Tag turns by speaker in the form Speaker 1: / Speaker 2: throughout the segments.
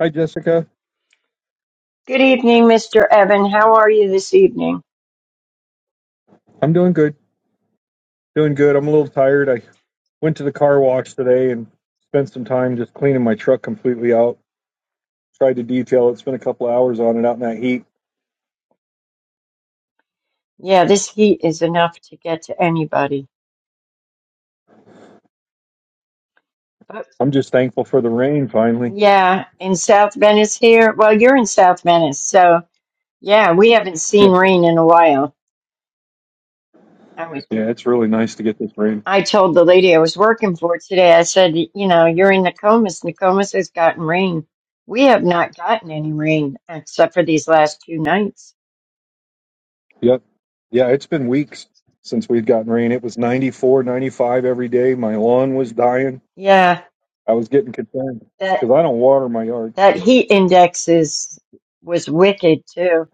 Speaker 1: Hi, Jessica.
Speaker 2: Good evening, Mr. Evan. How are you this evening?
Speaker 1: I'm doing good. Doing good. I'm a little tired. I went to the car wash today and spent some time just cleaning my truck completely out. Tried to detail it. Spent a couple of hours on it out in that heat.
Speaker 2: Yeah, this heat is enough to get to anybody. But
Speaker 1: I'm just thankful for the rain finally.
Speaker 2: yeah, in South Venice here. Well, you're in South Venice, so yeah, we haven't
Speaker 1: Yeah.
Speaker 2: seen rain in a while. I was
Speaker 1: Yeah. It's really nice to get this rain.
Speaker 2: I told the lady I was working for today, I said, "Y- you know, you're in Nokomis. Nokomis has gotten rain. We have not gotten any rain except for these last two nights.
Speaker 1: Yep. Yeah. It's been weeks since we've gotten rain. It was 94, 95 every day. My lawn was dying.
Speaker 2: Yeah,
Speaker 1: I was getting concerned
Speaker 2: that
Speaker 1: because I don't water my yard.
Speaker 2: that heat index is was wicked too.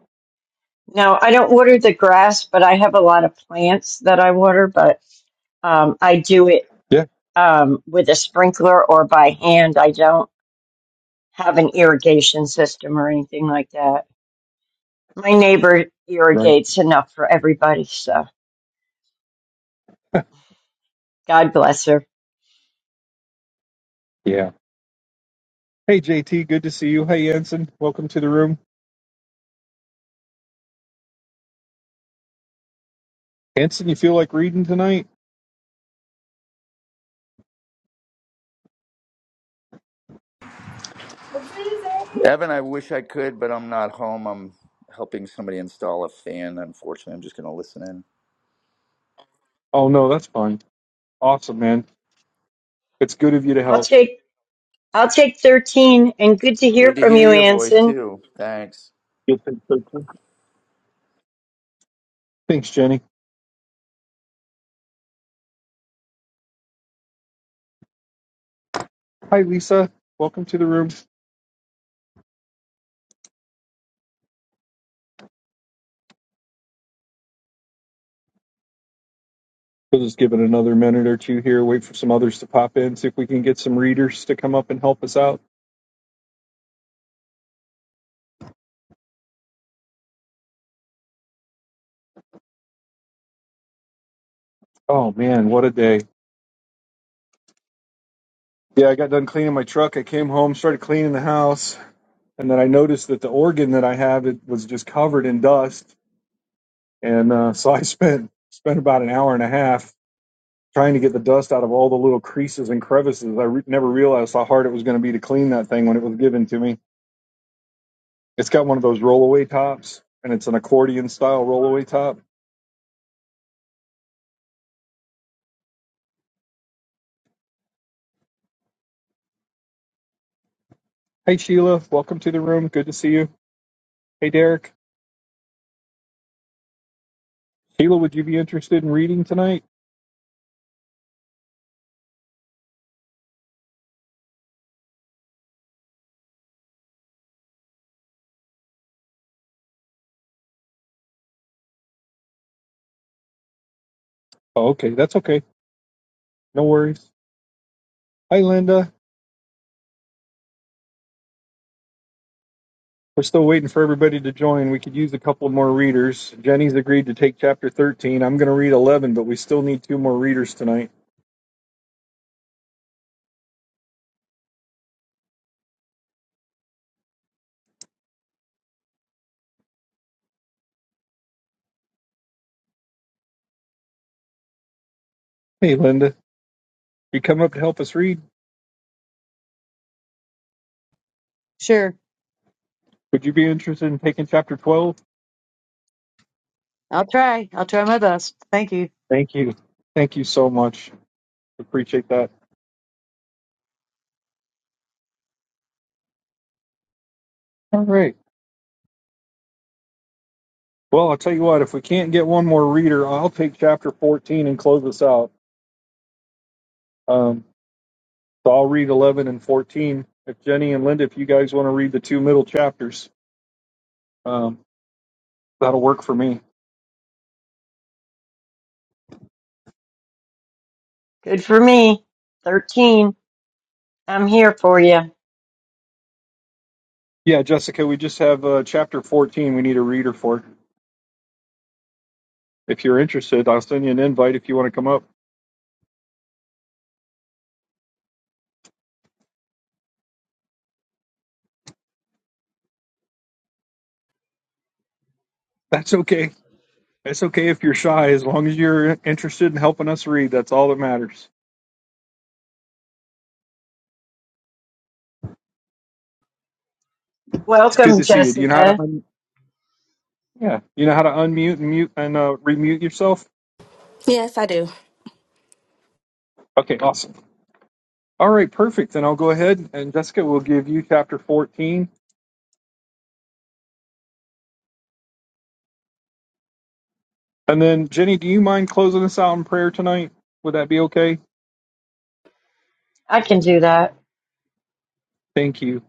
Speaker 2: No, I don't water the grass, but I have a lot of plants that I water, but um, I do it
Speaker 1: Yeah.
Speaker 2: um, with a sprinkler or by hand. I don't have an irrigation system or anything like that. My neighbor
Speaker 1: Right.
Speaker 2: irrigates enough for everybody, so God bless her.
Speaker 1: Yeah. Hey, JT. Good to see you. Hey, Ensign. Welcome to the room. Hanson, you feel like reading tonight?
Speaker 3: Evan, I wish I could, but I'm not home. I'm helping somebody install a fan, unfortunately. I'm just going to listen in.
Speaker 1: Oh no, that's fine. Awesome, man. It's good of you to
Speaker 2: I'll
Speaker 1: help.
Speaker 2: take I'll take 13 and good to hear
Speaker 3: Good to
Speaker 2: from
Speaker 3: hear
Speaker 2: you,
Speaker 3: your voice,
Speaker 2: Anson.
Speaker 3: too. Thanks.
Speaker 1: You think so, too? Thanks, Jenny. Hi, Lisa. Welcome to the room. We'll just give it another minute or two here. Wait for some others to pop in. See if we can get some readers to come up and help us out. Oh man, what a day! Yeah, I got done cleaning my truck. I came home, started cleaning the house, and then I noticed that the organ that I have it was just covered in dust. And uh, so I spent spent about an hour and a half trying to get the dust out of all the little creases and crevices. I re- never realized how hard it was going to be to clean that thing when it was given to me. It's got one of those rollaway tops, and it's an accordion style rollaway top. Hey, Sheila, welcome to the room. Good to see you. Hey, Derek. Sheila, would you be interested in reading tonight? Oh, okay, that's okay. No worries. Hi, Linda. We're still waiting for everybody to join. We could use a couple more readers. Jenny's agreed to take chapter 13. I'm going to read 11, but we still need two more readers tonight. Hey, Linda, you come up to help us read?
Speaker 4: Sure.
Speaker 1: Would you be interested in taking chapter 12?
Speaker 4: I'll try. I'll try my best. Thank you.
Speaker 1: Thank you. Thank you so much. Appreciate that. All right. Well, I'll tell you what, if we can't get one more reader, I'll take chapter 14 and close us out. Um, so I'll read 11 and 14. If Jenny and Linda, if you guys want to read the two middle chapters, um, that'll work for me.
Speaker 2: Good for me. 13. I'm here for you.
Speaker 1: Yeah, Jessica, we just have uh, chapter 14 we need a reader for. If you're interested, I'll send you an invite if you want to come up. That's okay. That's okay if you're shy, as long as you're interested in helping us read. That's all that matters. It's good
Speaker 2: Welcome,
Speaker 1: to see you. Do you know how
Speaker 2: Jessica.
Speaker 1: to un- yeah, you know how to unmute and mute and uh, remute yourself?
Speaker 5: Yes, I do.
Speaker 1: Okay, awesome. All right, perfect. Then I'll go ahead and Jessica will give you chapter 14. And then Jenny, do you mind closing us out in prayer tonight? Would that be okay?
Speaker 2: I can do that.
Speaker 1: Thank you.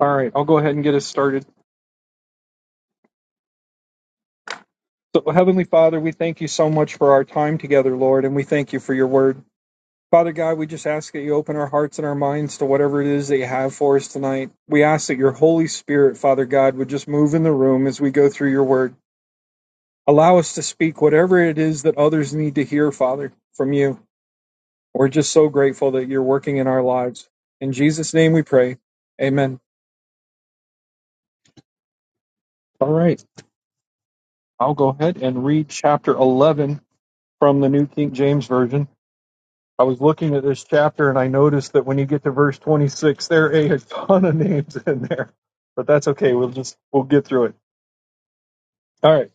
Speaker 1: All right, I'll go ahead and get us started. So, Heavenly Father, we thank you so much for our time together, Lord, and we thank you for your word. Father God, we just ask that you open our hearts and our minds to whatever it is that you have for us tonight. We ask that your Holy Spirit, Father God, would just move in the room as we go through your word. Allow us to speak whatever it is that others need to hear, Father, from you. We're just so grateful that you're working in our lives. In Jesus' name we pray. Amen. All right. I'll go ahead and read chapter 11 from the New King James Version. I was looking at this chapter and I noticed that when you get to verse 26, there are a ton of names in there. But that's okay. We'll just, we'll get through it. All right.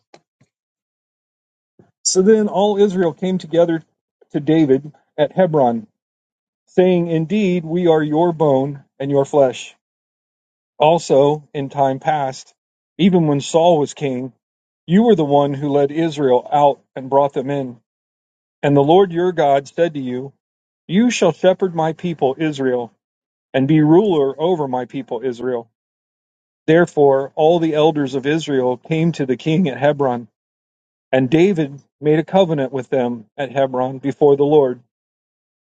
Speaker 1: So then all Israel came together to David at Hebron saying, Indeed, we are your bone and your flesh. Also, in time past, even when Saul was king, you were the one who led Israel out and brought them in. And the Lord your God said to you, You shall shepherd my people Israel, and be ruler over my people Israel. Therefore, all the elders of Israel came to the king at Hebron, and David made a covenant with them at Hebron before the Lord.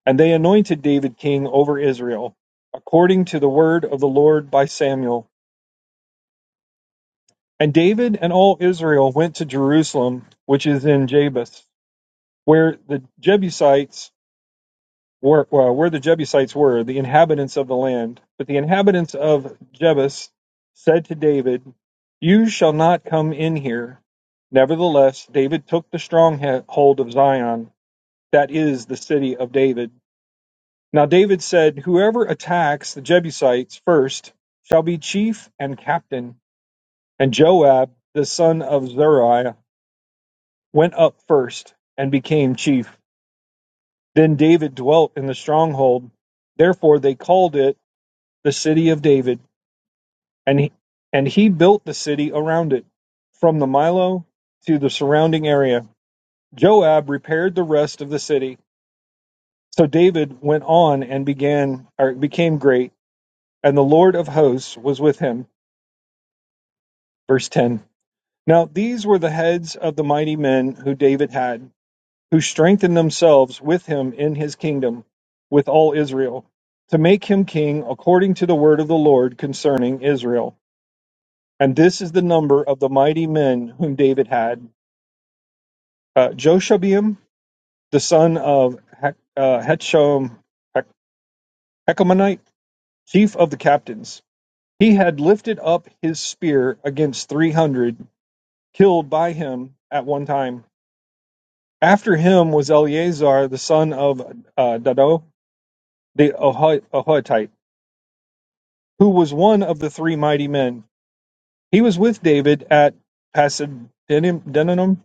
Speaker 1: And they anointed David king over Israel, according to the word of the Lord by Samuel. And David and all Israel went to Jerusalem, which is in Jabus, where the Jebusites were, well, where the Jebusites were, the inhabitants of the land. But the inhabitants of Jebus said to David, "You shall not come in here." Nevertheless, David took the stronghold of Zion, that is the city of David. Now David said, Whoever attacks the Jebusites first shall be chief and captain. And Joab, the son of Zeruiah, went up first and became chief. Then David dwelt in the stronghold. Therefore they called it the city of David. And he, and he built the city around it, from the Milo to the surrounding area. Joab repaired the rest of the city. So David went on and began or became great, and the Lord of hosts was with him. Verse 10 Now these were the heads of the mighty men who David had, who strengthened themselves with him in his kingdom, with all Israel, to make him king according to the word of the Lord concerning Israel. And this is the number of the mighty men whom David had uh, Joshabeam, the son of Hech- uh, Hechom, Hechomanite, chief of the captains. He had lifted up his spear against 300, killed by him at one time. After him was Eleazar the son of uh, Dodo the Ahohite, who was one of the three mighty men. He was with David at Pasaddenum.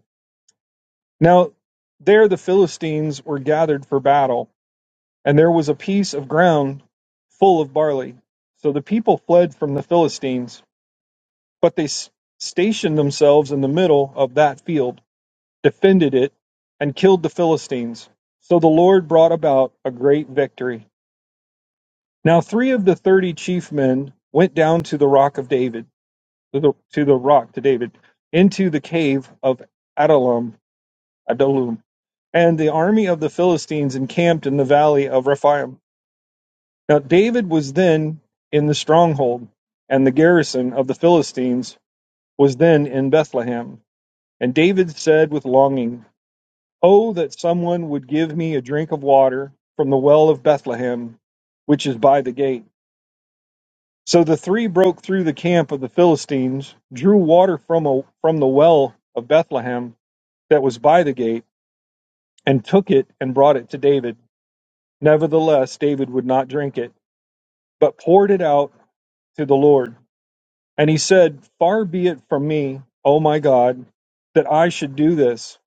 Speaker 1: Now there the Philistines were gathered for battle, and there was a piece of ground full of barley. So the people fled from the Philistines, but they stationed themselves in the middle of that field, defended it, and killed the Philistines. So the Lord brought about a great victory. Now three of the thirty chief men went down to the rock of David, to the, to the rock to David, into the cave of Adullam, Adullam, and the army of the Philistines encamped in the valley of Rephaim. Now David was then in the stronghold, and the garrison of the Philistines was then in Bethlehem. And David said with longing, "Oh, that someone would give me a drink of water from the well of Bethlehem, which is by the gate." So the three broke through the camp of the Philistines, drew water from a, from the well of Bethlehem that was by the gate, and took it and brought it to David. Nevertheless, David would not drink it, but poured it out to the Lord. And he said, Far be it from me, O my God, that I should do this.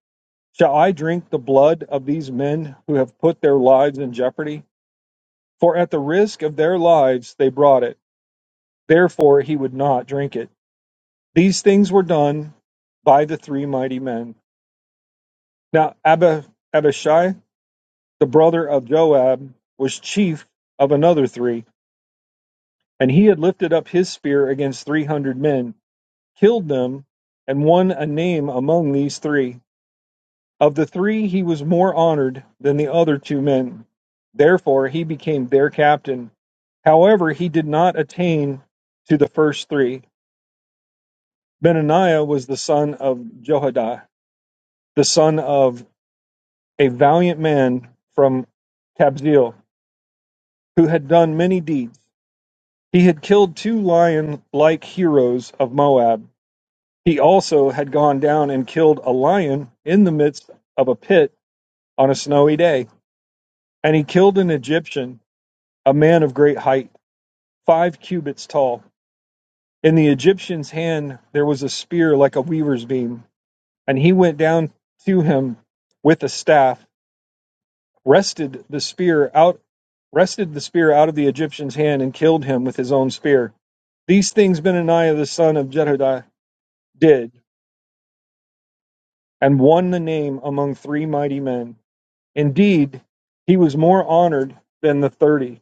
Speaker 1: Shall I drink the blood of these men who have put their lives in jeopardy? For at the risk of their lives they brought it. Therefore he would not drink it. These things were done by the three mighty men. Now Abba, Abishai, the brother of Joab, was chief of another three, and he had lifted up his spear against three hundred men, killed them, and won a name among these three. Of the three, he was more honored than the other two men. Therefore, he became their captain. However, he did not attain to the first three. Benaniah was the son of Jehoiada, the son of a valiant man from Kabzeel, who had done many deeds. He had killed two lion like heroes of Moab. He also had gone down and killed a lion in the midst of a pit on a snowy day. And he killed an Egyptian, a man of great height, five cubits tall. In the Egyptian's hand there was a spear like a weaver's beam, and he went down to him with a staff wrested the spear out wrested the spear out of the Egyptian's hand and killed him with his own spear. These things Benaniah the son of Jehoiada did, and won the name among three mighty men. Indeed, he was more honored than the thirty,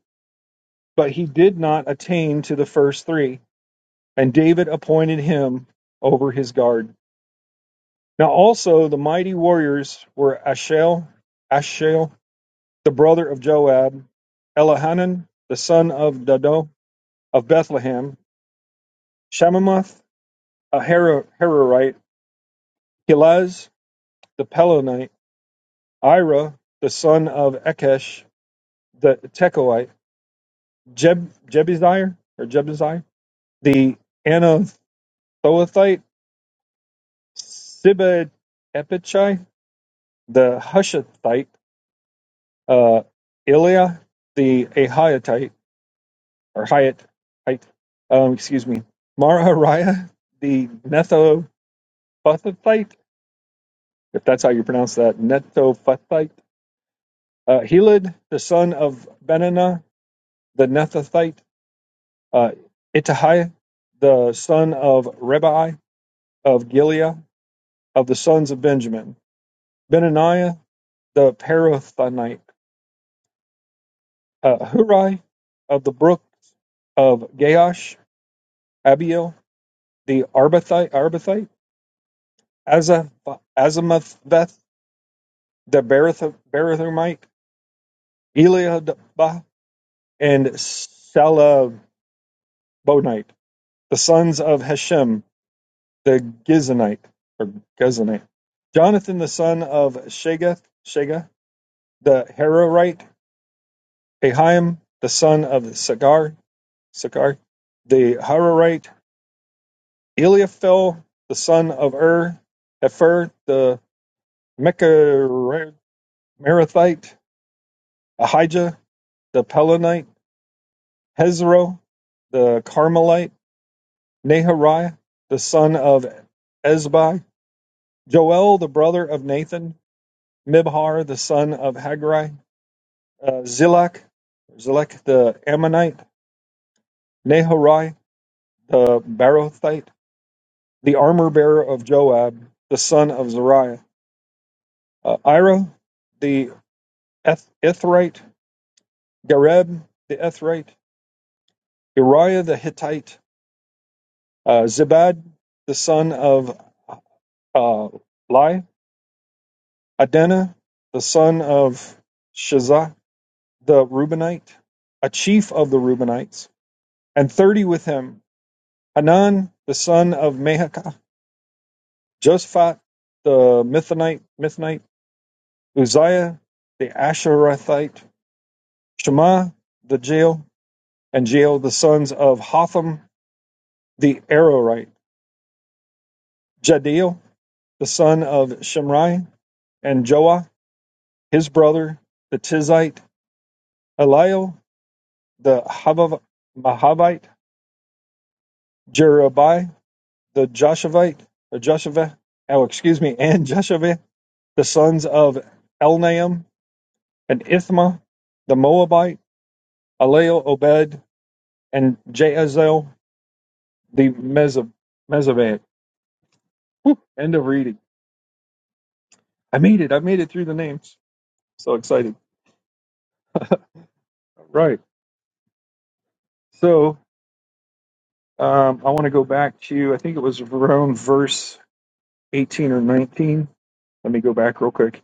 Speaker 1: but he did not attain to the first three, and David appointed him over his guard. Now also the mighty warriors were Ashel, Ashel, the brother of Joab, Elihanan, the son of Dado, of Bethlehem, Shemamath, a Hararite, Helaz, the Pelonite, Ira, the son of Ekesh, the Tekoite, Jeb, Jebusiah, or Jebusiah, the Anathothite, Siba Epichai, the Hushathite, uh, Ilia, the Ahiatite, or Hiat, Hite, um, excuse me, Marariah, the Netophathite, if that's how you pronounce that, Netophathite, uh, Helid, the son of Benaniah the Nethathite, uh, Ittai, the son of Rebai of Gilead, of the sons of Benjamin, Benaniah, the Parathonite, uh, Hurai, of the brook of Gaash, Abiel, the Arbathite, Arbathite Azamatheth, the Barath- Barathumite, Eliadbah, and Salabonite, the sons of Hashem, the Gizonite or Guzonite. Jonathan the son of Shagath, Shaga, the Hararite, Ahiam the son of Sagar, Sagar, the Hararite, Eliaphel the son of Ur, Hefer the Mecharathite, Ahijah the Pelonite, Hezro the Carmelite, Nahariah the son of Ezbai, Joel the brother of Nathan, Mibhar the son of Haggai, uh, Zilach, Zilach the Ammonite, Nehorai the Barothite, the armor bearer of Joab, the son of Zariah, uh, Ira the Eth- Ithrite, Gareb the Ethrite, Uriah the Hittite, uh, Zibad the son of uh, Lai, Adana the son of Shazah the Reubenite, a chief of the Reubenites, and thirty with him, Hanan the son of Mahakah Just the Mithanite, Mithanite, Uzziah the Asherathite, Shema the Jael, and Jael the sons of Hotham the Arorite, Jadiel the son of Shimrai, and Joah his brother, the Tizite, Eliel the Havav- Mahavite, Jerubai the Joshavite, the Joshavah, oh excuse me, and Joshavah the sons of Elnaam, and Ithma the Moabite Alel Obed, and Jahaziel the Mezab- Whew, End of reading. I made it. I made it through the names. So excited. All right. So um, I want to go back to, I think it was around verse 18 or 19. Let me go back real quick.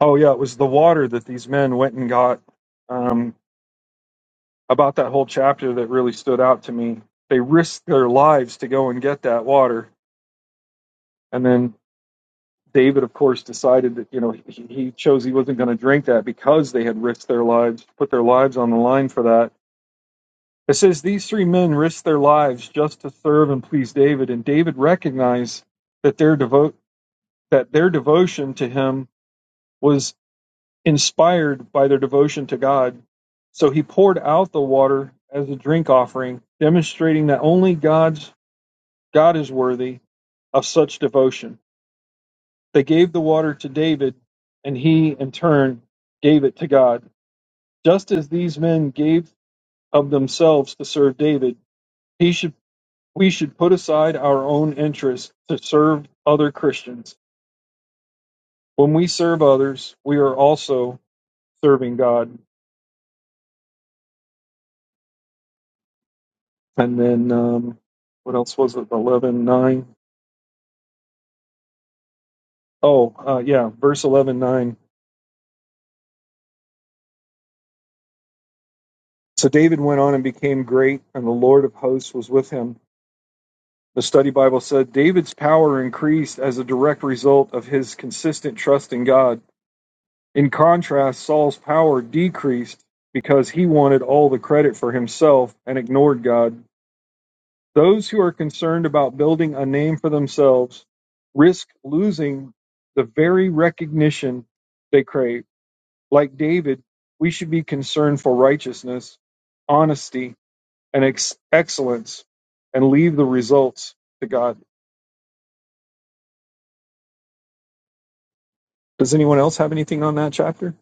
Speaker 1: Oh, yeah. It was the water that these men went and got. Um, about that whole chapter that really stood out to me. They risked their lives to go and get that water. And then David, of course, decided that you know he, he chose he wasn't going to drink that because they had risked their lives, put their lives on the line for that. It says these three men risked their lives just to serve and please David, and David recognized that their devote that their devotion to him was inspired by their devotion to God. So he poured out the water as a drink offering, demonstrating that only God's God is worthy of such devotion. They gave the water to David, and he, in turn, gave it to God. Just as these men gave of themselves to serve David, he should, we should put aside our own interests to serve other Christians. When we serve others, we are also serving God. And then, um, what else was it? 11 9. Oh, uh, yeah, verse 11 9. So David went on and became great, and the Lord of hosts was with him. The study Bible said David's power increased as a direct result of his consistent trust in God. In contrast, Saul's power decreased because he wanted all the credit for himself and ignored God. Those who are concerned about building a name for themselves risk losing the very recognition they crave. Like David, we should be concerned for righteousness, honesty, and ex- excellence and leave the results to God. Does anyone else have anything on that chapter?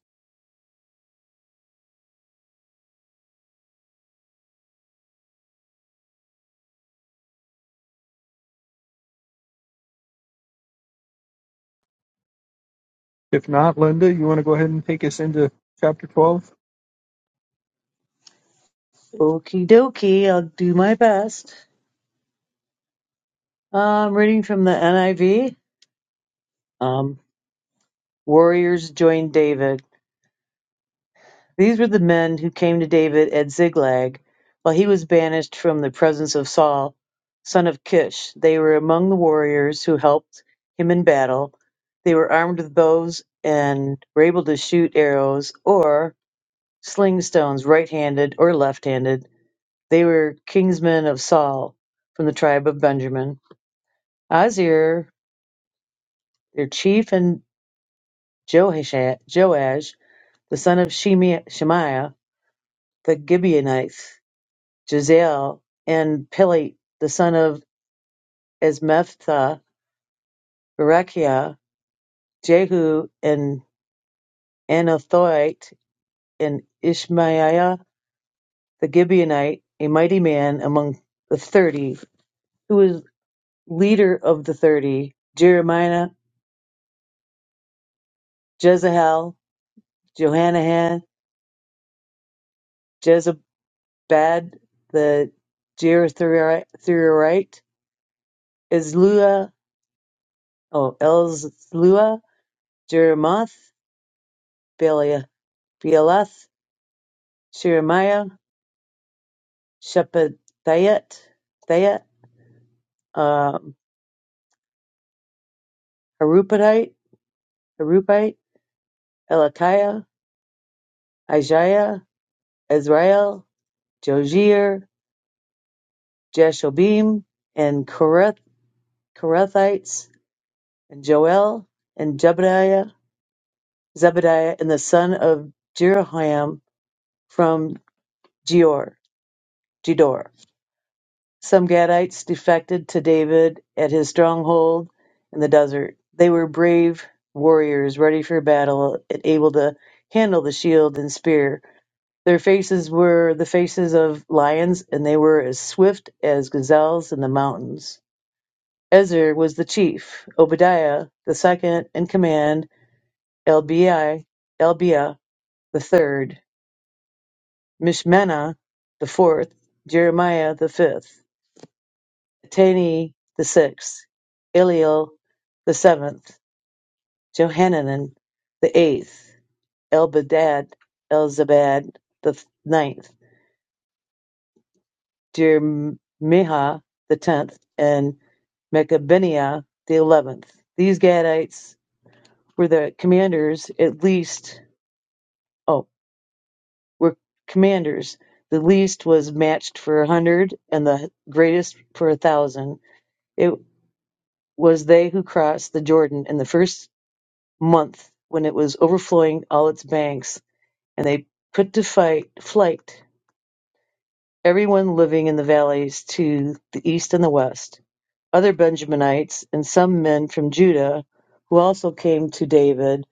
Speaker 1: If not, Linda, you want to go ahead and take us into chapter 12?
Speaker 4: Okie dokie. I'll do my best. Um, reading from the NIV. Um, warriors joined David. These were the men who came to David at Ziglag while he was banished from the presence of Saul, son of Kish. They were among the warriors who helped him in battle. They were armed with bows and were able to shoot arrows or sling stones right handed or left handed. They were kingsmen of Saul from the tribe of Benjamin. Azir, their chief, and Joasha- Joash, the son of Shemi- Shemaiah, the Gibeonites, Jazel, and Peli, the son of Esmephtha, Berechiah, Jehu, and Anathothite, and Ishmaiah, the Gibeonite, a mighty man among the thirty, who was leader of the thirty, Jeremiah, Jezahel, Johanan, Jezabad the Geraserite, Ezlua, oh, Elzlua, Jeremoth, Beala- Bealoth, Sheremiah, Shephathiah, Thiah, um, Harupite, Harupite, Elikiah, Isaiah, Azrael, Jozier, Jeshobim, and Korath, Korathites, and Joel, and Jebediah, Zebediah, and the son of Jeroham, from Gior. Gedor. Some Gadites defected to David at his stronghold in the desert. They were brave warriors, ready for battle and able to handle the shield and spear. Their faces were the faces of lions, and they were as swift as gazelles in the mountains. Ezer was the chief, Obadiah the second in command, Elbi, Elbiah the third, Mishmana the fourth, Jeremiah the fifth. Atani the sixth, Eliel the seventh, Johanan the eighth, Elbadad, Elzabad the th- ninth, Jeremiah the tenth, and Mechabeniah the eleventh. These Gadites were the commanders, at least, oh, were commanders. The least was matched for a hundred, and the greatest for a thousand. It was they who crossed the Jordan in the first month when it was overflowing all its banks, and they put to fight, flight everyone living in the valleys to the east and the west, other Benjaminites, and some men from Judah, who also came to David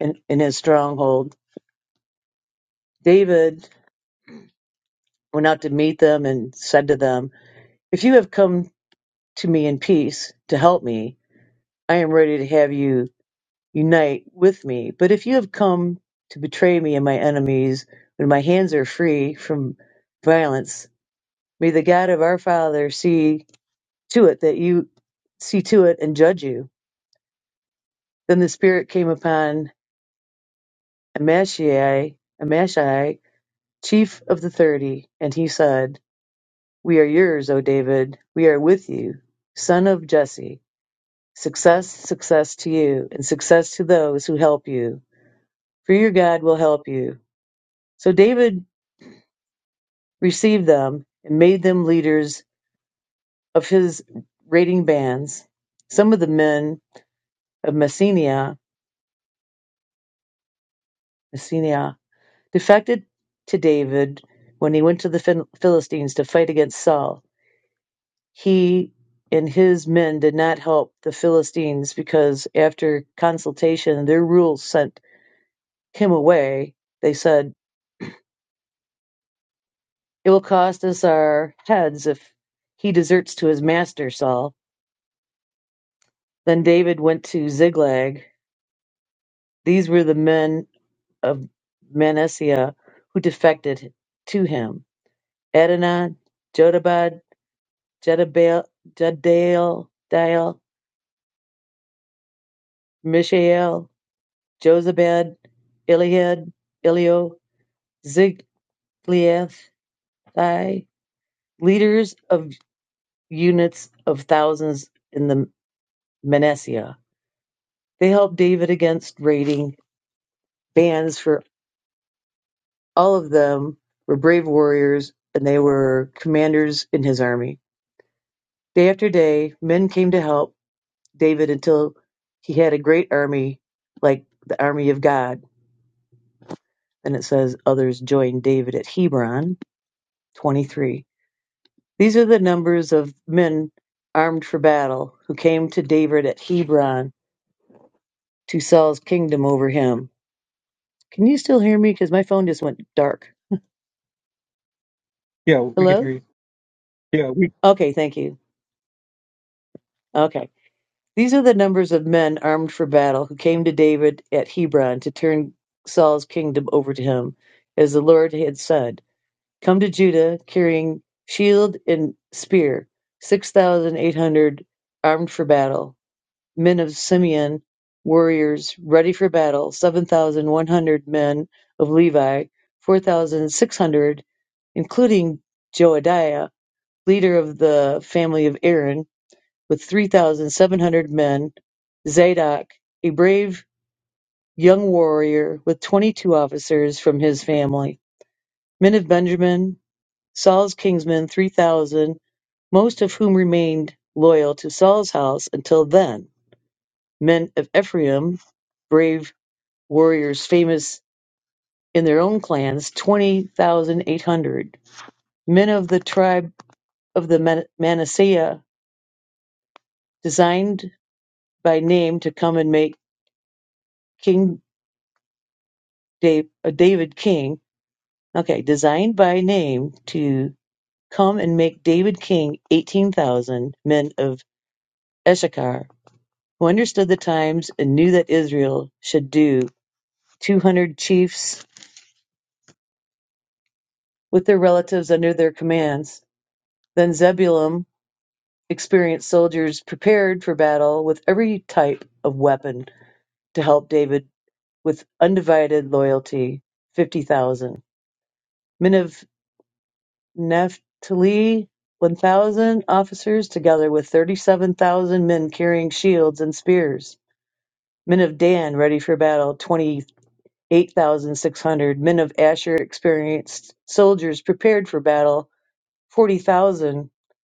Speaker 4: in, in his stronghold. David went out to meet them and said to them, If you have come to me in peace to help me, I am ready to have you Unite with me. But if you have come to betray me and my enemies, when my hands are free from violence, may the God of our Father see to it that you see to it and judge you. Then the Spirit came upon Amashai, Amashai, chief of the thirty, and he said, We are yours, O David. We are with you, son of Jesse. Success, success to you, and success to those who help you. For your God will help you. So David received them and made them leaders of his raiding bands. Some of the men of Messenia, Messenia defected to David when he went to the Philistines to fight against Saul. He and his men did not help the Philistines because after consultation, their rulers sent him away. They said, It will cost us our heads if he deserts to his master, Saul. Then David went to Ziklag. These were the men of Manasseh who defected to him. Adonai, Jodabad, Jedabel, Jadael, Dael, Mishael, Josabad, Eliad, Elio, Zigliathai, leaders of units of thousands in the Manasseh. They helped David against raiding bands, for all of them were brave warriors and they were commanders in his army. Day after day, men came to help David until he had a great army like the army of God. and it says others joined David at Hebron 23. These are the numbers of men armed for battle who came to David at Hebron to Saul's kingdom over him. Can you still hear me? Because my phone just went dark.
Speaker 1: Yeah, we can hear
Speaker 4: Hello?
Speaker 1: you. Yeah, we
Speaker 4: Okay, thank you. Okay. These are the numbers of men armed for battle who came to David at Hebron to turn Saul's kingdom over to him, as the Lord had said. come to Judah carrying shield and spear, 6,800 armed for battle. Men of Simeon, warriors ready for battle, 7,100 men of Levi, 4,600, including Joadiah, leader of the family of Aaron, with 3,700 men, Zadok, a brave young warrior with 22 officers from his family. Men of Benjamin, Saul's kinsmen three thousand, most of whom remained loyal to Saul's house until then. Men of Ephraim, brave warriors famous in their own clans, twenty thousand eight hundred. Men of the tribe of the Man- Manasseh, designed by name to come and make King Dav- uh, David king. Okay, designed by name to come and make David king, eighteen thousand men of Issachar who understood the times and knew that Israel should do, two hundred chiefs with their relatives under their commands. Then Zebulun experienced soldiers prepared for battle with every type of weapon to help David with undivided loyalty, fifty thousand. Men of Naphtali, one thousand officers, together with thirty-seven thousand men carrying shields and spears. Men of Dan ready for battle, Twenty. 8,600 men of Asher experienced soldiers prepared for battle, 40,000.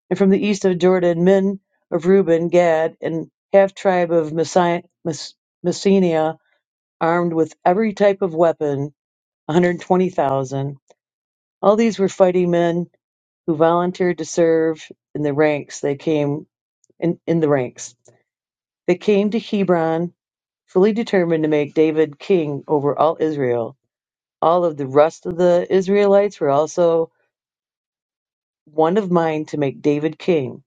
Speaker 4: And from the east of Jordan, men of Reuben, Gad, and half tribe of Messi- Mes- Messenia, armed with every type of weapon, 120,000. All these were fighting men who volunteered to serve in the ranks. They came in, in the ranks. They came to Hebron fully determined to make David king over all Israel. all of the rest of the Israelites were also one of mind to make David king.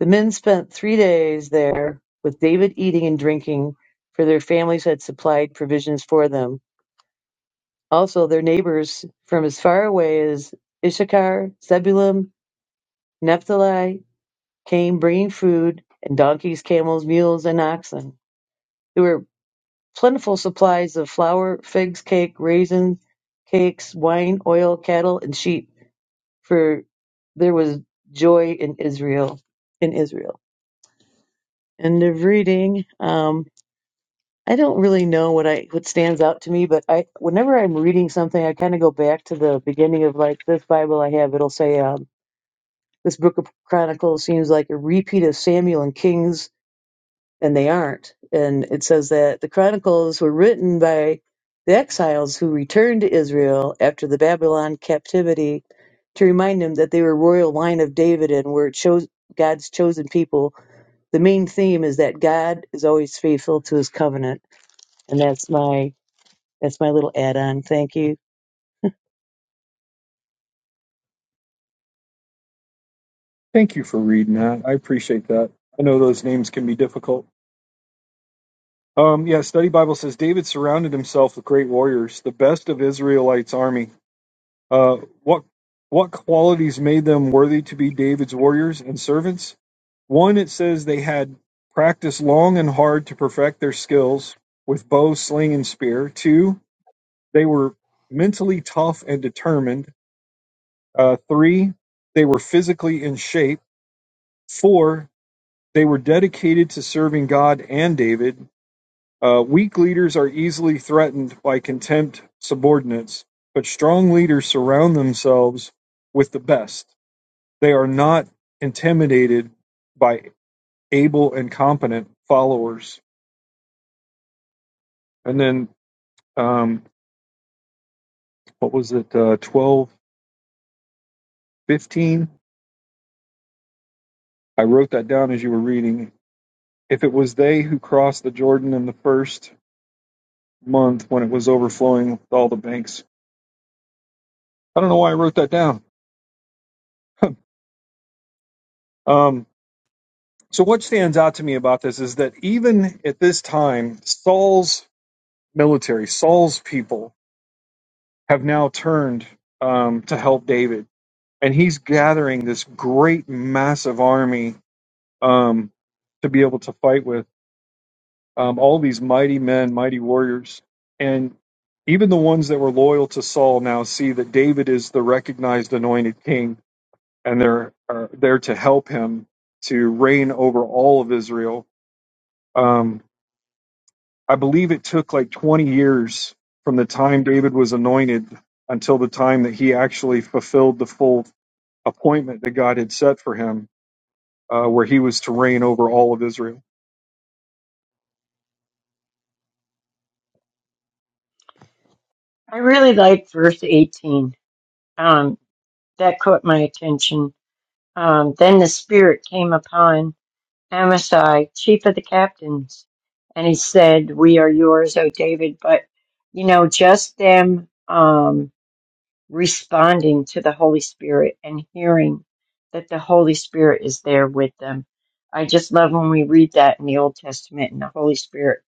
Speaker 4: The men spent three days there with David eating and drinking, for their families had supplied provisions for them. Also, their neighbors from as far away as Issachar, Zebulun, Naphtali came bringing food and donkeys, camels, mules, and oxen. There were plentiful supplies of flour, figs, cake, raisins, cakes, wine, oil, cattle, and sheep. for there was joy in Israel, in Israel. End of reading. Um, I don't really know what I what stands out to me, but I whenever I'm reading something, I kind of go back to the beginning of like this Bible I have. It'll say um, this book of Chronicles seems like a repeat of Samuel and Kings and they aren't. And it says that the Chronicles were written by the exiles who returned to Israel after the Babylon captivity to remind them that they were royal line of David and were chose, God's chosen people. The main theme is that God is always faithful to his covenant. And that's my that's my little add-on. Thank you.
Speaker 1: thank you for reading that. I appreciate that. I know those names can be difficult. Um, yeah, Study Bible says David surrounded himself with great warriors, the best of Israelites' army. Uh, what what qualities made them worthy to be David's warriors and servants? One, it says they had practiced long and hard to perfect their skills with bow, sling, and spear. Two, They were mentally tough and determined. Uh, three, they were physically in shape. Four, they were dedicated to serving God and David. Uh, weak leaders are easily threatened by contempt subordinates, but strong leaders surround themselves with the best. They are not intimidated by able and competent followers. And then, um, what was it, uh, 12, fifteen? I wrote that down as you were reading If it was they who crossed the Jordan in the first month when it was overflowing with all the banks. I don't know why I wrote that down. Um, so what stands out to me about this is that even at this time, Saul's military, Saul's people have now turned um, to help David, and he's gathering this great, massive army um, to be able to fight with. um, all these mighty men, mighty warriors. And even the ones that were loyal to Saul now see that David is the recognized anointed king, and they're are there to help him to reign over all of Israel. Um, I believe it took like 20 years from the time David was anointed until the time that he actually fulfilled the full appointment that God had set for him, uh, where he was to reign over all of Israel.
Speaker 2: I really like verse 18. Um. that caught my attention. Um, then the Spirit came upon Amasai, chief of the captains, and he said, We are yours, O David. But, you know, just them um, responding to the Holy Spirit and hearing that the Holy Spirit is there with them. I just love when we read that in the Old Testament and the Holy Spirit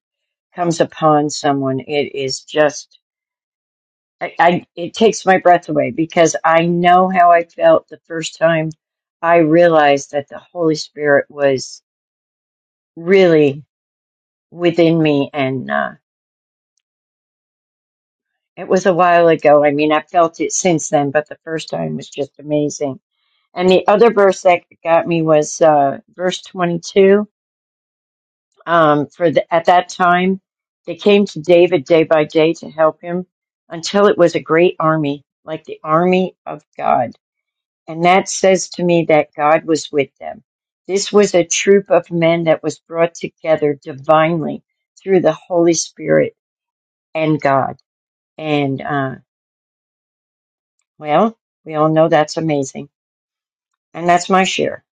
Speaker 2: comes upon someone. It is just I, I it takes my breath away because I know how I felt the first time I realized that the Holy Spirit was really within me, and uh, it was a while ago. I mean, I felt it since then, but the first time was just amazing. And the other verse that got me was uh, verse twenty-two. Um, for the, at that time, they came to David day by day to help him, until it was a great army, like the army of God And that says to me that God was with them. This was a troop of men that was brought together divinely through the Holy Spirit and God. And, uh, well, we all know that's amazing. And that's my share.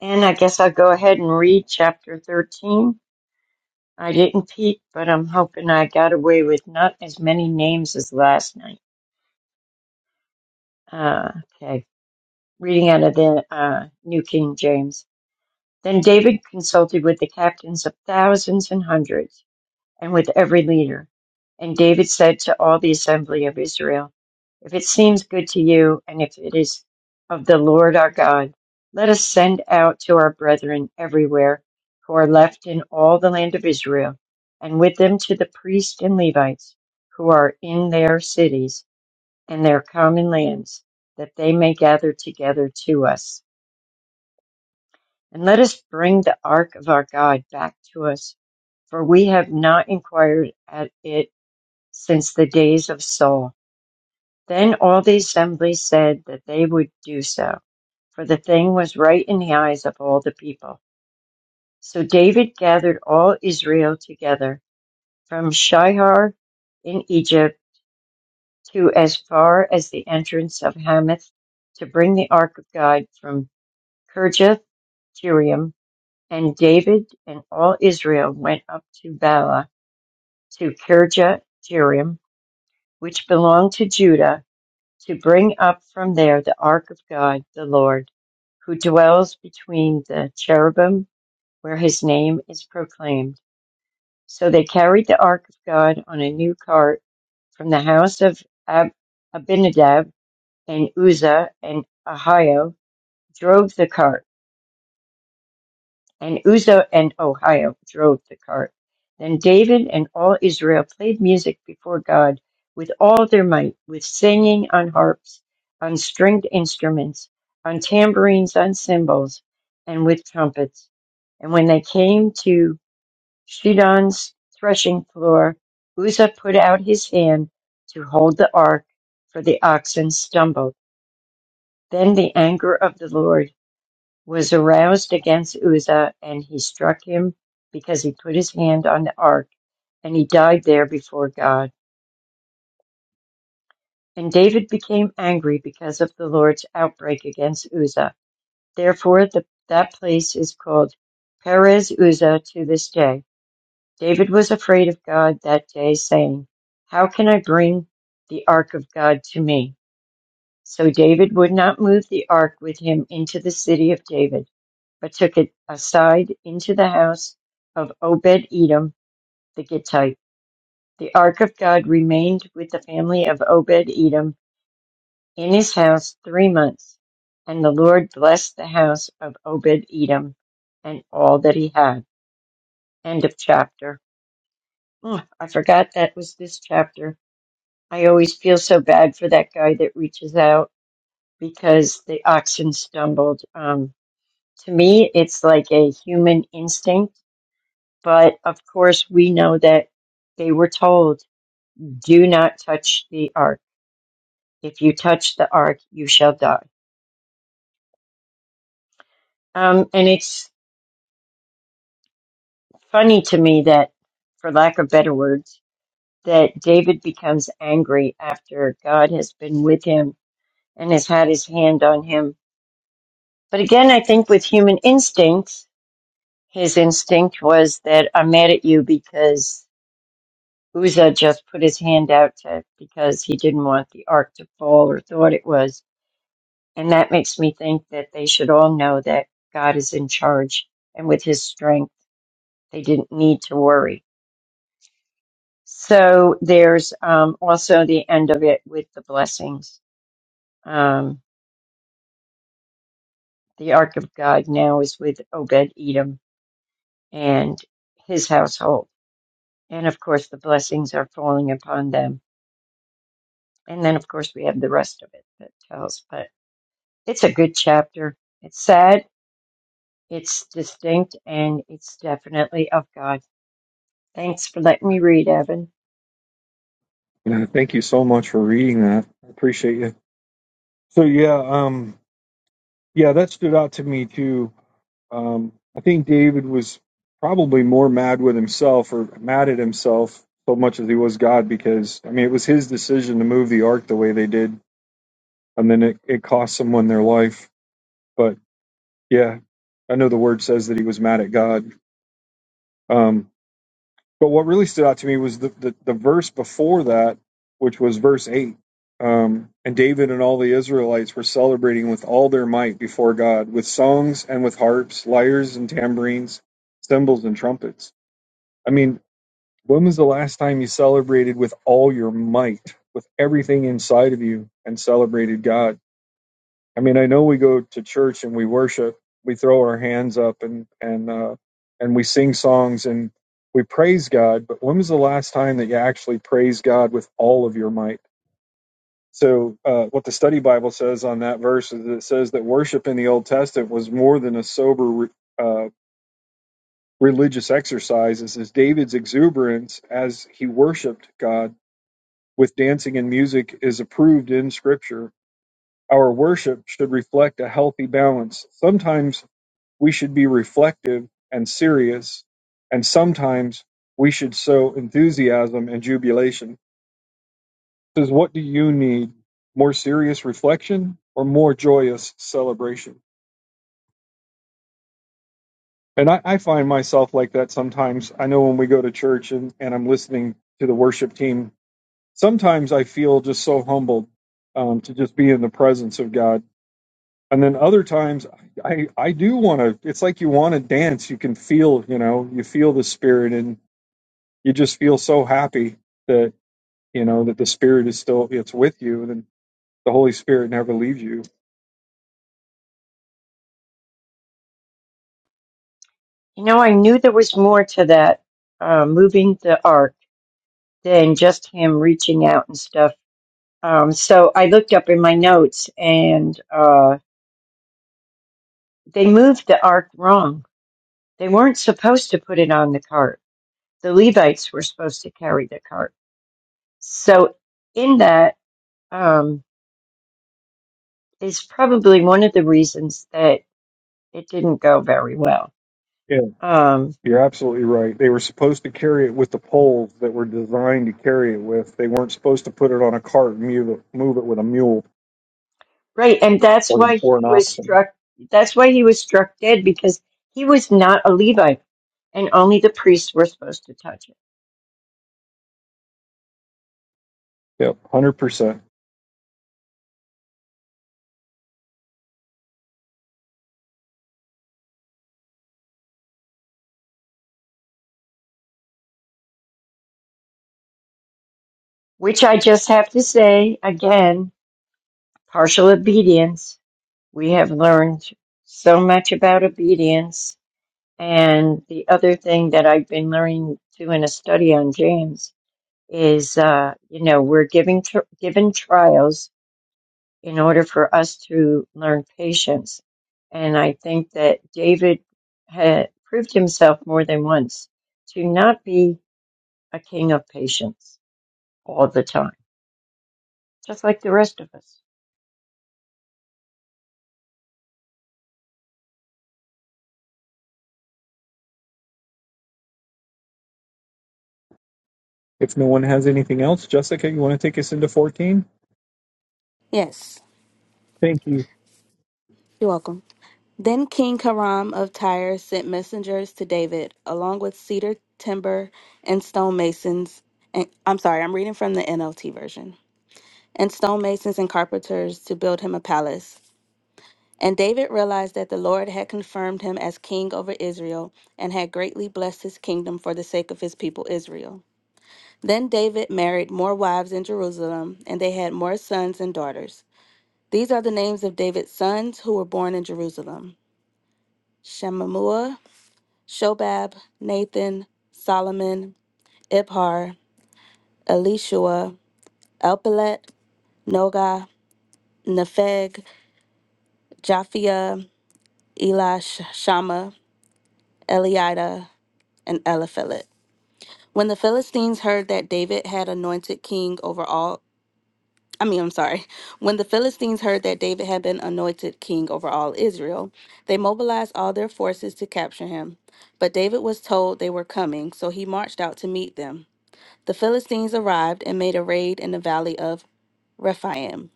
Speaker 2: And I guess I'll go ahead and read chapter 13. I didn't peek, but I'm hoping I got away with not as many names as last night. Uh, okay. Reading out of the uh, New King James. Then David consulted with the captains of thousands and hundreds, and with every leader. And David said to all the assembly of Israel, If it seems good to you, and if it is of the Lord our God, let us send out to our brethren everywhere who are left in all the land of Israel, and with them to the priests and Levites who are in their cities and their common lands, that they may gather together to us. And let us bring the ark of our God back to us, for we have not inquired at it since the days of Saul. Then all the assembly said that they would do so, for the thing was right in the eyes of all the people. So David gathered all Israel together from Shihar in Egypt to as far as the entrance of Hamath to bring the ark of God from Kirjath Jearim. And David and all Israel went up to Bala, to Kirjath-jearim, which belonged to Judah, to bring up from there the ark of God, the Lord, who dwells between the cherubim, where his name is proclaimed. So they carried the ark of God on a new cart from the house of Ab- Abinadab and Uzzah and Ahio drove the cart and Uzzah and Ohio drove the cart. Then David and all Israel played music before God with all their might, with singing on harps, on stringed instruments, on tambourines, on cymbals, and with trumpets. And when they came to Shidon's threshing floor, Uzzah put out his hand to hold the ark, for the oxen stumbled. Then the anger of the Lord was aroused against Uzzah, and he struck him because he put his hand on the ark, and he died there before God. And David became angry because of the Lord's outbreak against Uzzah. Therefore, the, that place is called Perez Uzzah to this day. David was afraid of God that day, saying, How can I bring the ark of God to me? So David would not move the ark with him into the city of David but took it aside into the house of Obed Edom the Gittite. The ark of God remained with the family of Obed Edom in his house three months, and the Lord blessed the house of Obed Edom and all that he had. End of chapter. Oh, I forgot that was this chapter. I always feel so bad for that guy that reaches out because the oxen stumbled. Um, to me, it's like a human instinct But of course, we know that they were told, do not touch the ark. If you touch the ark, you shall die. Um, and it's funny to me that, for lack of better words, that David becomes angry after God has been with him and has had his hand on him. But again, I think with human instincts, his instinct was that I'm mad at you because Uzzah just put his hand out to, because he didn't want the ark to fall or thought it was. And that makes me think that they should all know that God is in charge and with his strength, they didn't need to worry. So there's um, also the end of it with the blessings. Um, the Ark of God now is with Obed Edom and his household. And of course, the blessings are falling upon them. And then, of course, we have the rest of it that tells. But it's a good chapter. It's sad, it's distinct, and it's definitely of God. Thanks for letting me read, Evan.
Speaker 1: Yeah, thank you so much for reading that. I appreciate you. So yeah, um, Yeah, that stood out to me too. Um, I think David was probably more mad with himself or mad at himself so much as he was God because, I mean, it was his decision to move the ark the way they did. And then it, it cost someone their life. But yeah, I know the word says that he was mad at God. Um, But what really stood out to me was the, the, the verse before that, which was verse 8. Um, and David and all the Israelites were celebrating with all their might before God, with songs and with harps, lyres and tambourines, cymbals and trumpets. I mean, when was the last time you celebrated with all your might, with everything inside of you, and celebrated God? I mean, I know we go to church and we worship, we throw our hands up and and uh, and we sing songs and we praise God. But when was the last time that you actually praised God with all of your might? So, uh, what the study Bible says on that verse is that it says that worship in the Old Testament was more than a sober uh, religious exercise. It says David's exuberance as he worshipped God with dancing and music is approved in Scripture. Our worship should reflect a healthy balance. Sometimes we should be reflective and serious, and sometimes we should sow enthusiasm and jubilation. Says, what do you need? More serious reflection or more joyous celebration? And I, I find myself like that sometimes. I know when we go to church and, and I'm listening to the worship team, sometimes I feel just so humbled um, to just be in the presence of God. And then other times I, I do want to, it's like you want to dance. You can feel, you know, you feel the spirit and you just feel so happy that you know that the spirit is still it's with you and the holy spirit never leaves you
Speaker 2: You know, I knew there was more to that uh, moving the ark than just him reaching out and stuff. Um, so I looked up in my notes, and uh, they moved the ark wrong. They weren't supposed to put it on the cart. The Levites were supposed to carry the cart. So in that um, is probably one of the reasons that it didn't go very well.
Speaker 1: yeah
Speaker 2: Um,
Speaker 1: you're absolutely right they were supposed to carry it with the poles that were designed to carry it with they weren't supposed to put it on a cart and move it, move it with a mule
Speaker 2: Right, and that's
Speaker 1: or,
Speaker 2: why
Speaker 1: or
Speaker 2: he
Speaker 1: an
Speaker 2: was
Speaker 1: oxen
Speaker 2: struck. That's why he was struck dead because he was not a Levite, and only the priests were supposed to touch it.
Speaker 1: yep 100%
Speaker 2: Which I just have to say again, partial obedience. We have learned so much about obedience, and the other thing that I've been learning too in a study on James is, uh, you know, we're giving tr- given trials in order for us to learn patience. And I think that David had proved himself more than once to not be a king of patience all the time, just like the rest of us.
Speaker 1: if no one has anything else jessica you want to take us into 14
Speaker 5: Yes,
Speaker 1: thank you
Speaker 5: you're welcome. Then King Hiram of Tyre sent messengers to David, along with cedar timber and stonemasons. And I'm sorry, I'm reading from the NLT version. And stonemasons and carpenters to build him a palace. And David realized that the Lord had confirmed him as king over Israel and had greatly blessed his kingdom for the sake of his people Israel. Then David married more wives in Jerusalem, and they had more sons and daughters. These are the names of David's sons who were born in Jerusalem Shemamua, Shobab, Nathan, Solomon, Ibhar, Elishua, Elpelet, Noga, Nepheg, Japhia, Elish, Shama, Eliada, and Eliphelet. When the Philistines heard that David had anointed king over all I mean, I'm sorry. When the Philistines heard that David had been anointed king over all Israel, they mobilized all their forces to capture him. But David was told they were coming, so he marched out to meet them. The Philistines arrived and made a raid in the valley of Rephaim.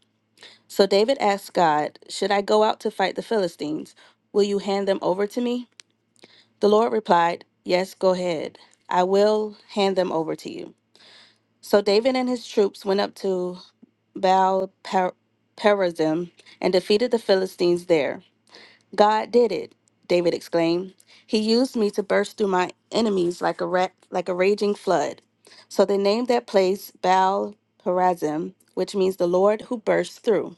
Speaker 5: So David asked God, Should I go out to fight the Philistines? Will you hand them over to me? The Lord replied, Yes, go ahead. I will hand them over to you. So David and his troops went up to Baal Perazim and defeated the Philistines there. God did it, David exclaimed. He used me to burst through my enemies like a ra- like a raging flood. So they named that place Baal Perazim, which means the Lord who bursts through.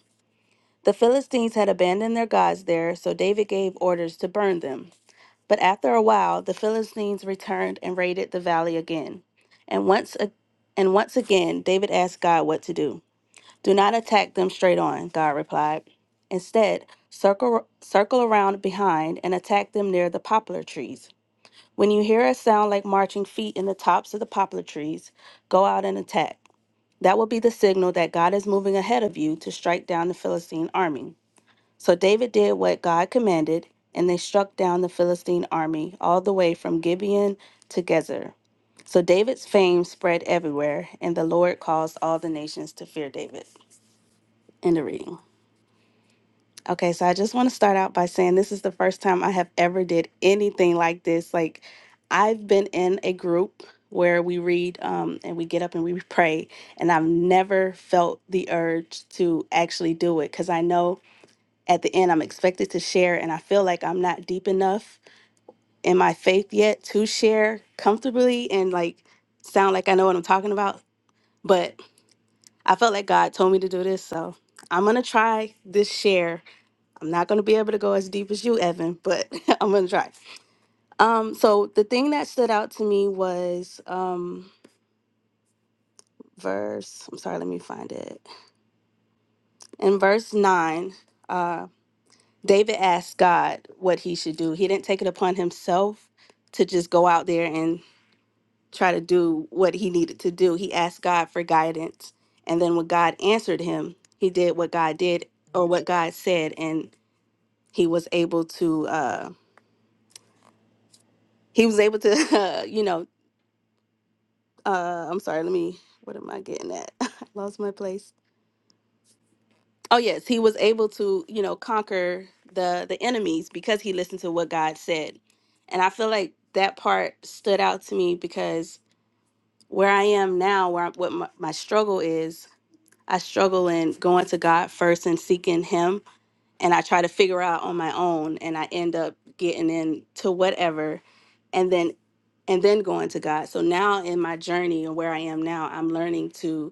Speaker 5: The Philistines had abandoned their gods there, so David gave orders to burn them. But after a while, the Philistines returned and raided the valley again. And once a- and once again, David asked God what to do. Do not attack them straight on, God replied. Instead, circle, circle around behind and attack them near the poplar trees. When you hear a sound like marching feet in the tops of the poplar trees, go out and attack. That will be the signal that God is moving ahead of you to strike down the Philistine army. So David did what God commanded, and they struck down the Philistine army all the way from Gibeon to Gezer. So David's fame spread everywhere, and the Lord caused all the nations to fear David. End of reading. Okay, so I just want to start out by saying this is the first time I have ever did anything like this. Like I've been in a group where we read um, and we get up and we pray, and I've never felt the urge to actually do it because I know at the end I'm expected to share, and I feel like I'm not deep enough in my faith yet to share comfortably and like sound like I know what I'm talking about. But I felt like God told me to do this, so I'm gonna try this share I'm not going to be able to go as deep as you, Evan, but I'm going to try. Um, so the thing that stood out to me was um, verse, I'm sorry, let me find it. In verse 9, uh, David asked God what he should do. He didn't take it upon himself to just go out there and try to do what he needed to do. He asked God for guidance. And then when God answered him, he did what God did or what God said, and he was able to. Uh, he was able to, you know, uh I'm sorry, let me what am I getting at? I lost my place. Oh yes, he was able to, you know, conquer the the enemies because he listened to what God said. And I feel like that part stood out to me because where I am now, where I, what my, my struggle is, I struggle in going to God first and seeking him and I try to figure out on my own and I end up getting into whatever and then and then going to God. So now in my journey and where I am now, I'm learning to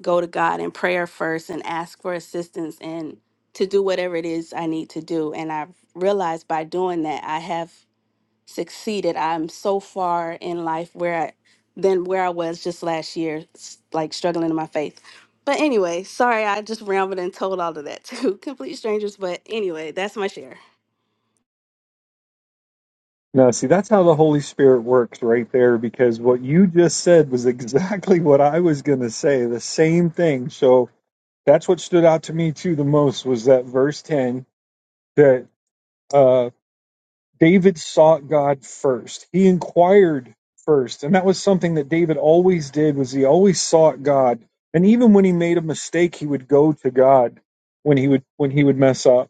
Speaker 5: go to God in prayer first and ask for assistance and to do whatever it is I need to do. And I've realized by doing that, I have succeeded. I'm so far in life where I, than where I was just last year, s- like struggling in my faith. But anyway, sorry, I just rambled and told all of that to complete strangers. But anyway, that's my share.
Speaker 1: no see that's how the holy spirit works right there because what you just said was exactly what i was going to say the same thing so That's what stood out to me too the most was that verse 10 that uh, David sought God first. He inquired first. And that was something that David always did was he always sought God. And even when he made a mistake, he would go to God when he would when he would mess up.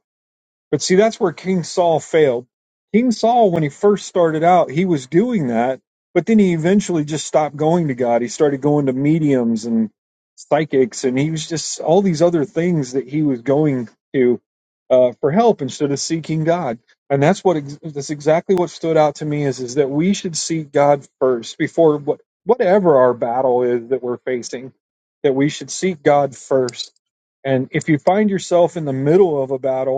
Speaker 1: But see, that's where King Saul failed. King Saul, when he first started out, he was doing that, but then he eventually just stopped going to God. He started going to mediums and psychics, and he was just all these other things that he was going to uh, for help instead of seeking God. And that's what ex- that's exactly what stood out to me is is that we should seek God first before what whatever our battle is that we're facing, that we should seek God first. And if you find yourself in the middle of a battle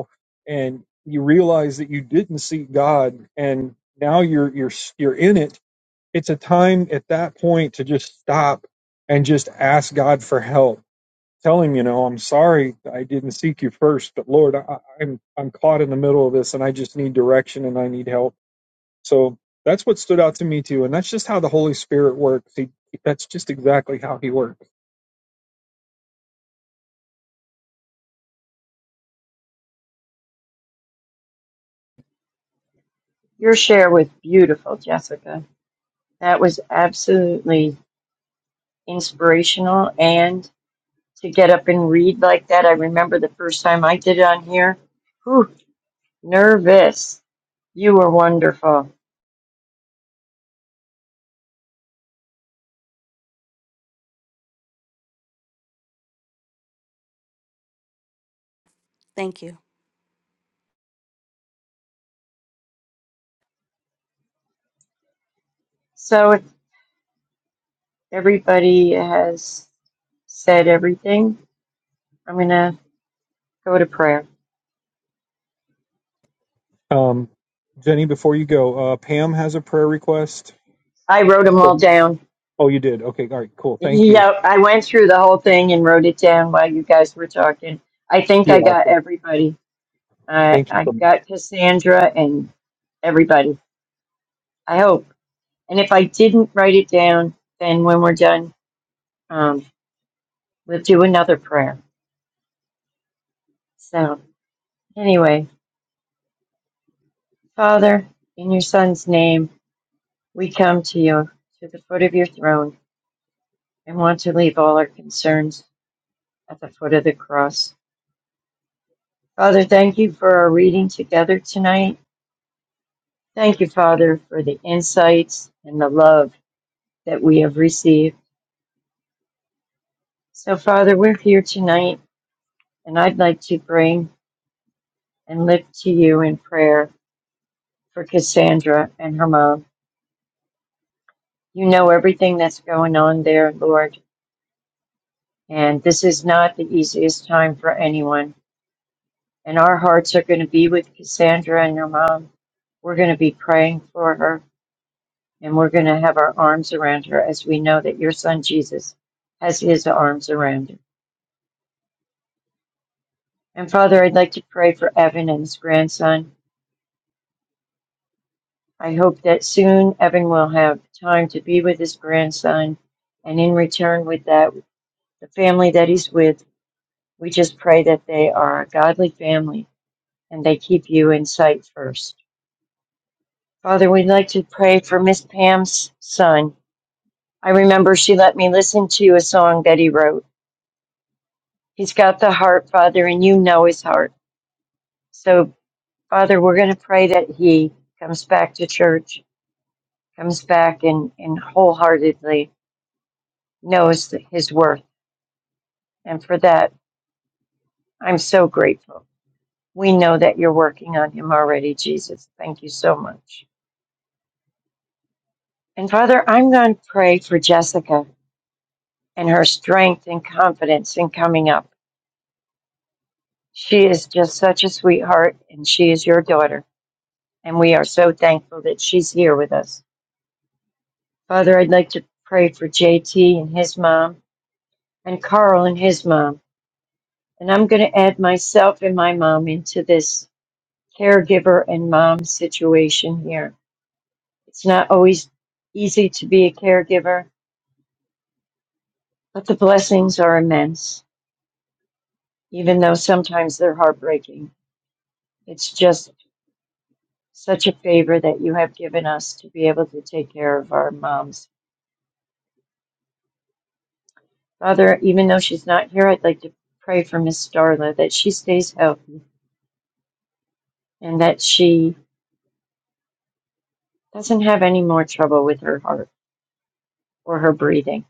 Speaker 1: and you realize that you didn't see God and now you're you're you're in it it's a time at that point to just stop and just ask God for help tell him you know I'm sorry I didn't seek you first but Lord I, I'm I'm caught in the middle of this and I just need direction and I need help so that's what stood out to me too and that's just how the Holy Spirit works he that's just exactly how he works
Speaker 2: Your share was beautiful, Jessica. That was absolutely inspirational. And to get up and read like that, I remember the first time I did it on here. Whew, nervous. You were wonderful.
Speaker 5: Thank you.
Speaker 2: So Everybody has said everything. I'm going to go to prayer.
Speaker 1: um Jenny before you go uh Pam has a prayer request
Speaker 2: I wrote them
Speaker 1: Cool.
Speaker 2: all down.
Speaker 1: Oh, you did. Okay, all right, cool. Thank you.
Speaker 2: Yeah, I went through the whole thing and wrote it down while you guys were talking. I think I
Speaker 1: You're
Speaker 2: got
Speaker 1: awesome.
Speaker 2: everybody. I
Speaker 1: Thank you
Speaker 2: I
Speaker 1: so much.
Speaker 2: got Cassandra and everybody. I hope. And if I didn't write it down, then when we're done, um, we'll do another prayer. So anyway, Father, in your Son's name, we come to you to the foot of your throne. and want to leave all our concerns at the foot of the cross. Father, thank you for our reading together tonight. Thank you, Father, for the insights and the love that we have received. So, Father, we're here tonight, and I'd like to bring and lift to you in prayer for Cassandra and her mom. You know everything that's going on there, Lord, and this is not the easiest time for anyone. And our hearts are going to be with Cassandra and her mom. We're going to be praying for her. And we're going to have our arms around her as we know that your son Jesus has his arms around her. And Father, I'd like to pray for Evan and his grandson. I hope that soon Evan will have time to be with his grandson. And in return, with that, the family that he's with, we just pray that they are a godly family and they keep you in sight first. Father, we'd like to pray for Miss Pam's son. I remember she let me listen to a song that he wrote. He's got the heart, Father, and you know his heart. So, Father, we're going to pray that he comes back to church, comes back and, and wholeheartedly knows that his worth. And for that, I'm so grateful. We know that you're working on him already, Jesus. Thank you so much. And Father, I'm going to pray for Jessica and her strength and confidence in coming up. She is just such a sweetheart, and she is your daughter. And we are so thankful that she's here with us. Father, I'd like to pray for JT and his mom and Carl and his mom. And I'm going to add myself and my mom into this caregiver and mom situation here. It's not always easy to be a caregiver, but the blessings are immense, even though sometimes they're heartbreaking. It's just such a favor that you have given us to be able to take care of our moms. Father, even though she's not here, I'd like to pray for Miss Darla that she stays healthy and that she doesn't have any more trouble with her heart or her breathing.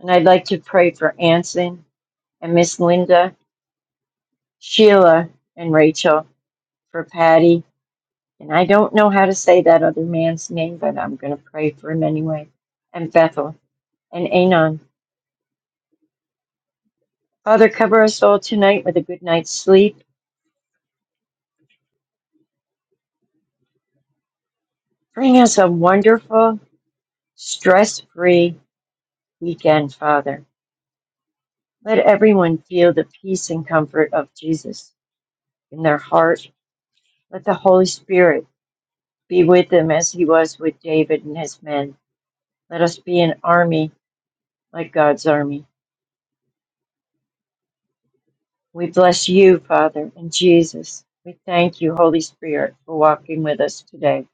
Speaker 2: And I'd like to pray for Anson and Miss Linda, Sheila and Rachel, for Patty. And I don't know how to say that other man's name, but I'm going to pray for him anyway. And Bethel and Anon. Father, cover us all tonight with a good night's sleep. Bring us a wonderful, stress free weekend, Father. Let everyone feel the peace and comfort of Jesus in their heart. Let the Holy Spirit be with them as he was with David and his men. Let us be an army like God's army. We bless you, Father, and Jesus. We thank you, Holy Spirit, for walking with us today.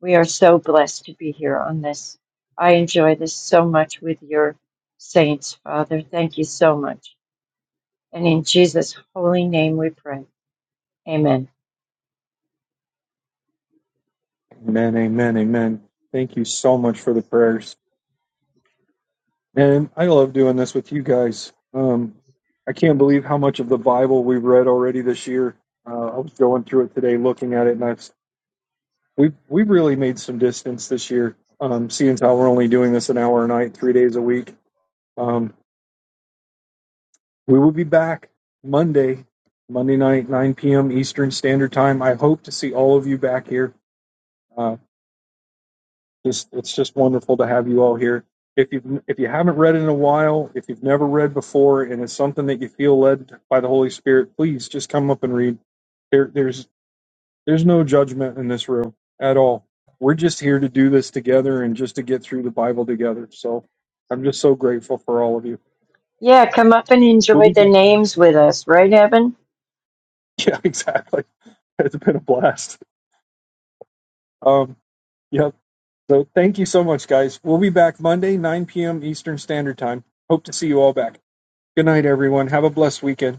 Speaker 2: We are so blessed to be here on this. I enjoy this so much with your saints, Father. Thank you so much. And in Jesus' holy name we pray. Amen.
Speaker 1: Amen, amen, amen. Thank you so much for the prayers. And I love doing this with you guys. Um, I can't believe how much of the Bible we've read already this year. Uh, I was going through it today, looking at it, and I've we've we've really made some distance this year. Um, seeing as how we're only doing this an hour a night, three days a week. Um, we will be back Monday, Monday night, 9 p.m. Eastern Standard Time. I hope to see all of you back here. Uh, Just it's just wonderful to have you all here. If you if you haven't read in a while, if you've never read before, and it's something that you feel led by the Holy Spirit, please just come up and read. There there's there's no judgment in this room at all. We're just here to do this together and just to get through the Bible together. So I'm just so grateful for all of you.
Speaker 2: Yeah, come up and
Speaker 1: We'll
Speaker 2: enjoy
Speaker 1: be
Speaker 2: the
Speaker 1: back.
Speaker 2: names with us, right, Evan?
Speaker 1: Yeah, exactly. It's been a blast. Um, Yep. So thank you so much, guys. We'll be back Monday, 9 p.m. Eastern Standard Time. Hope to see you all back. Good night everyone, have a blessed weekend.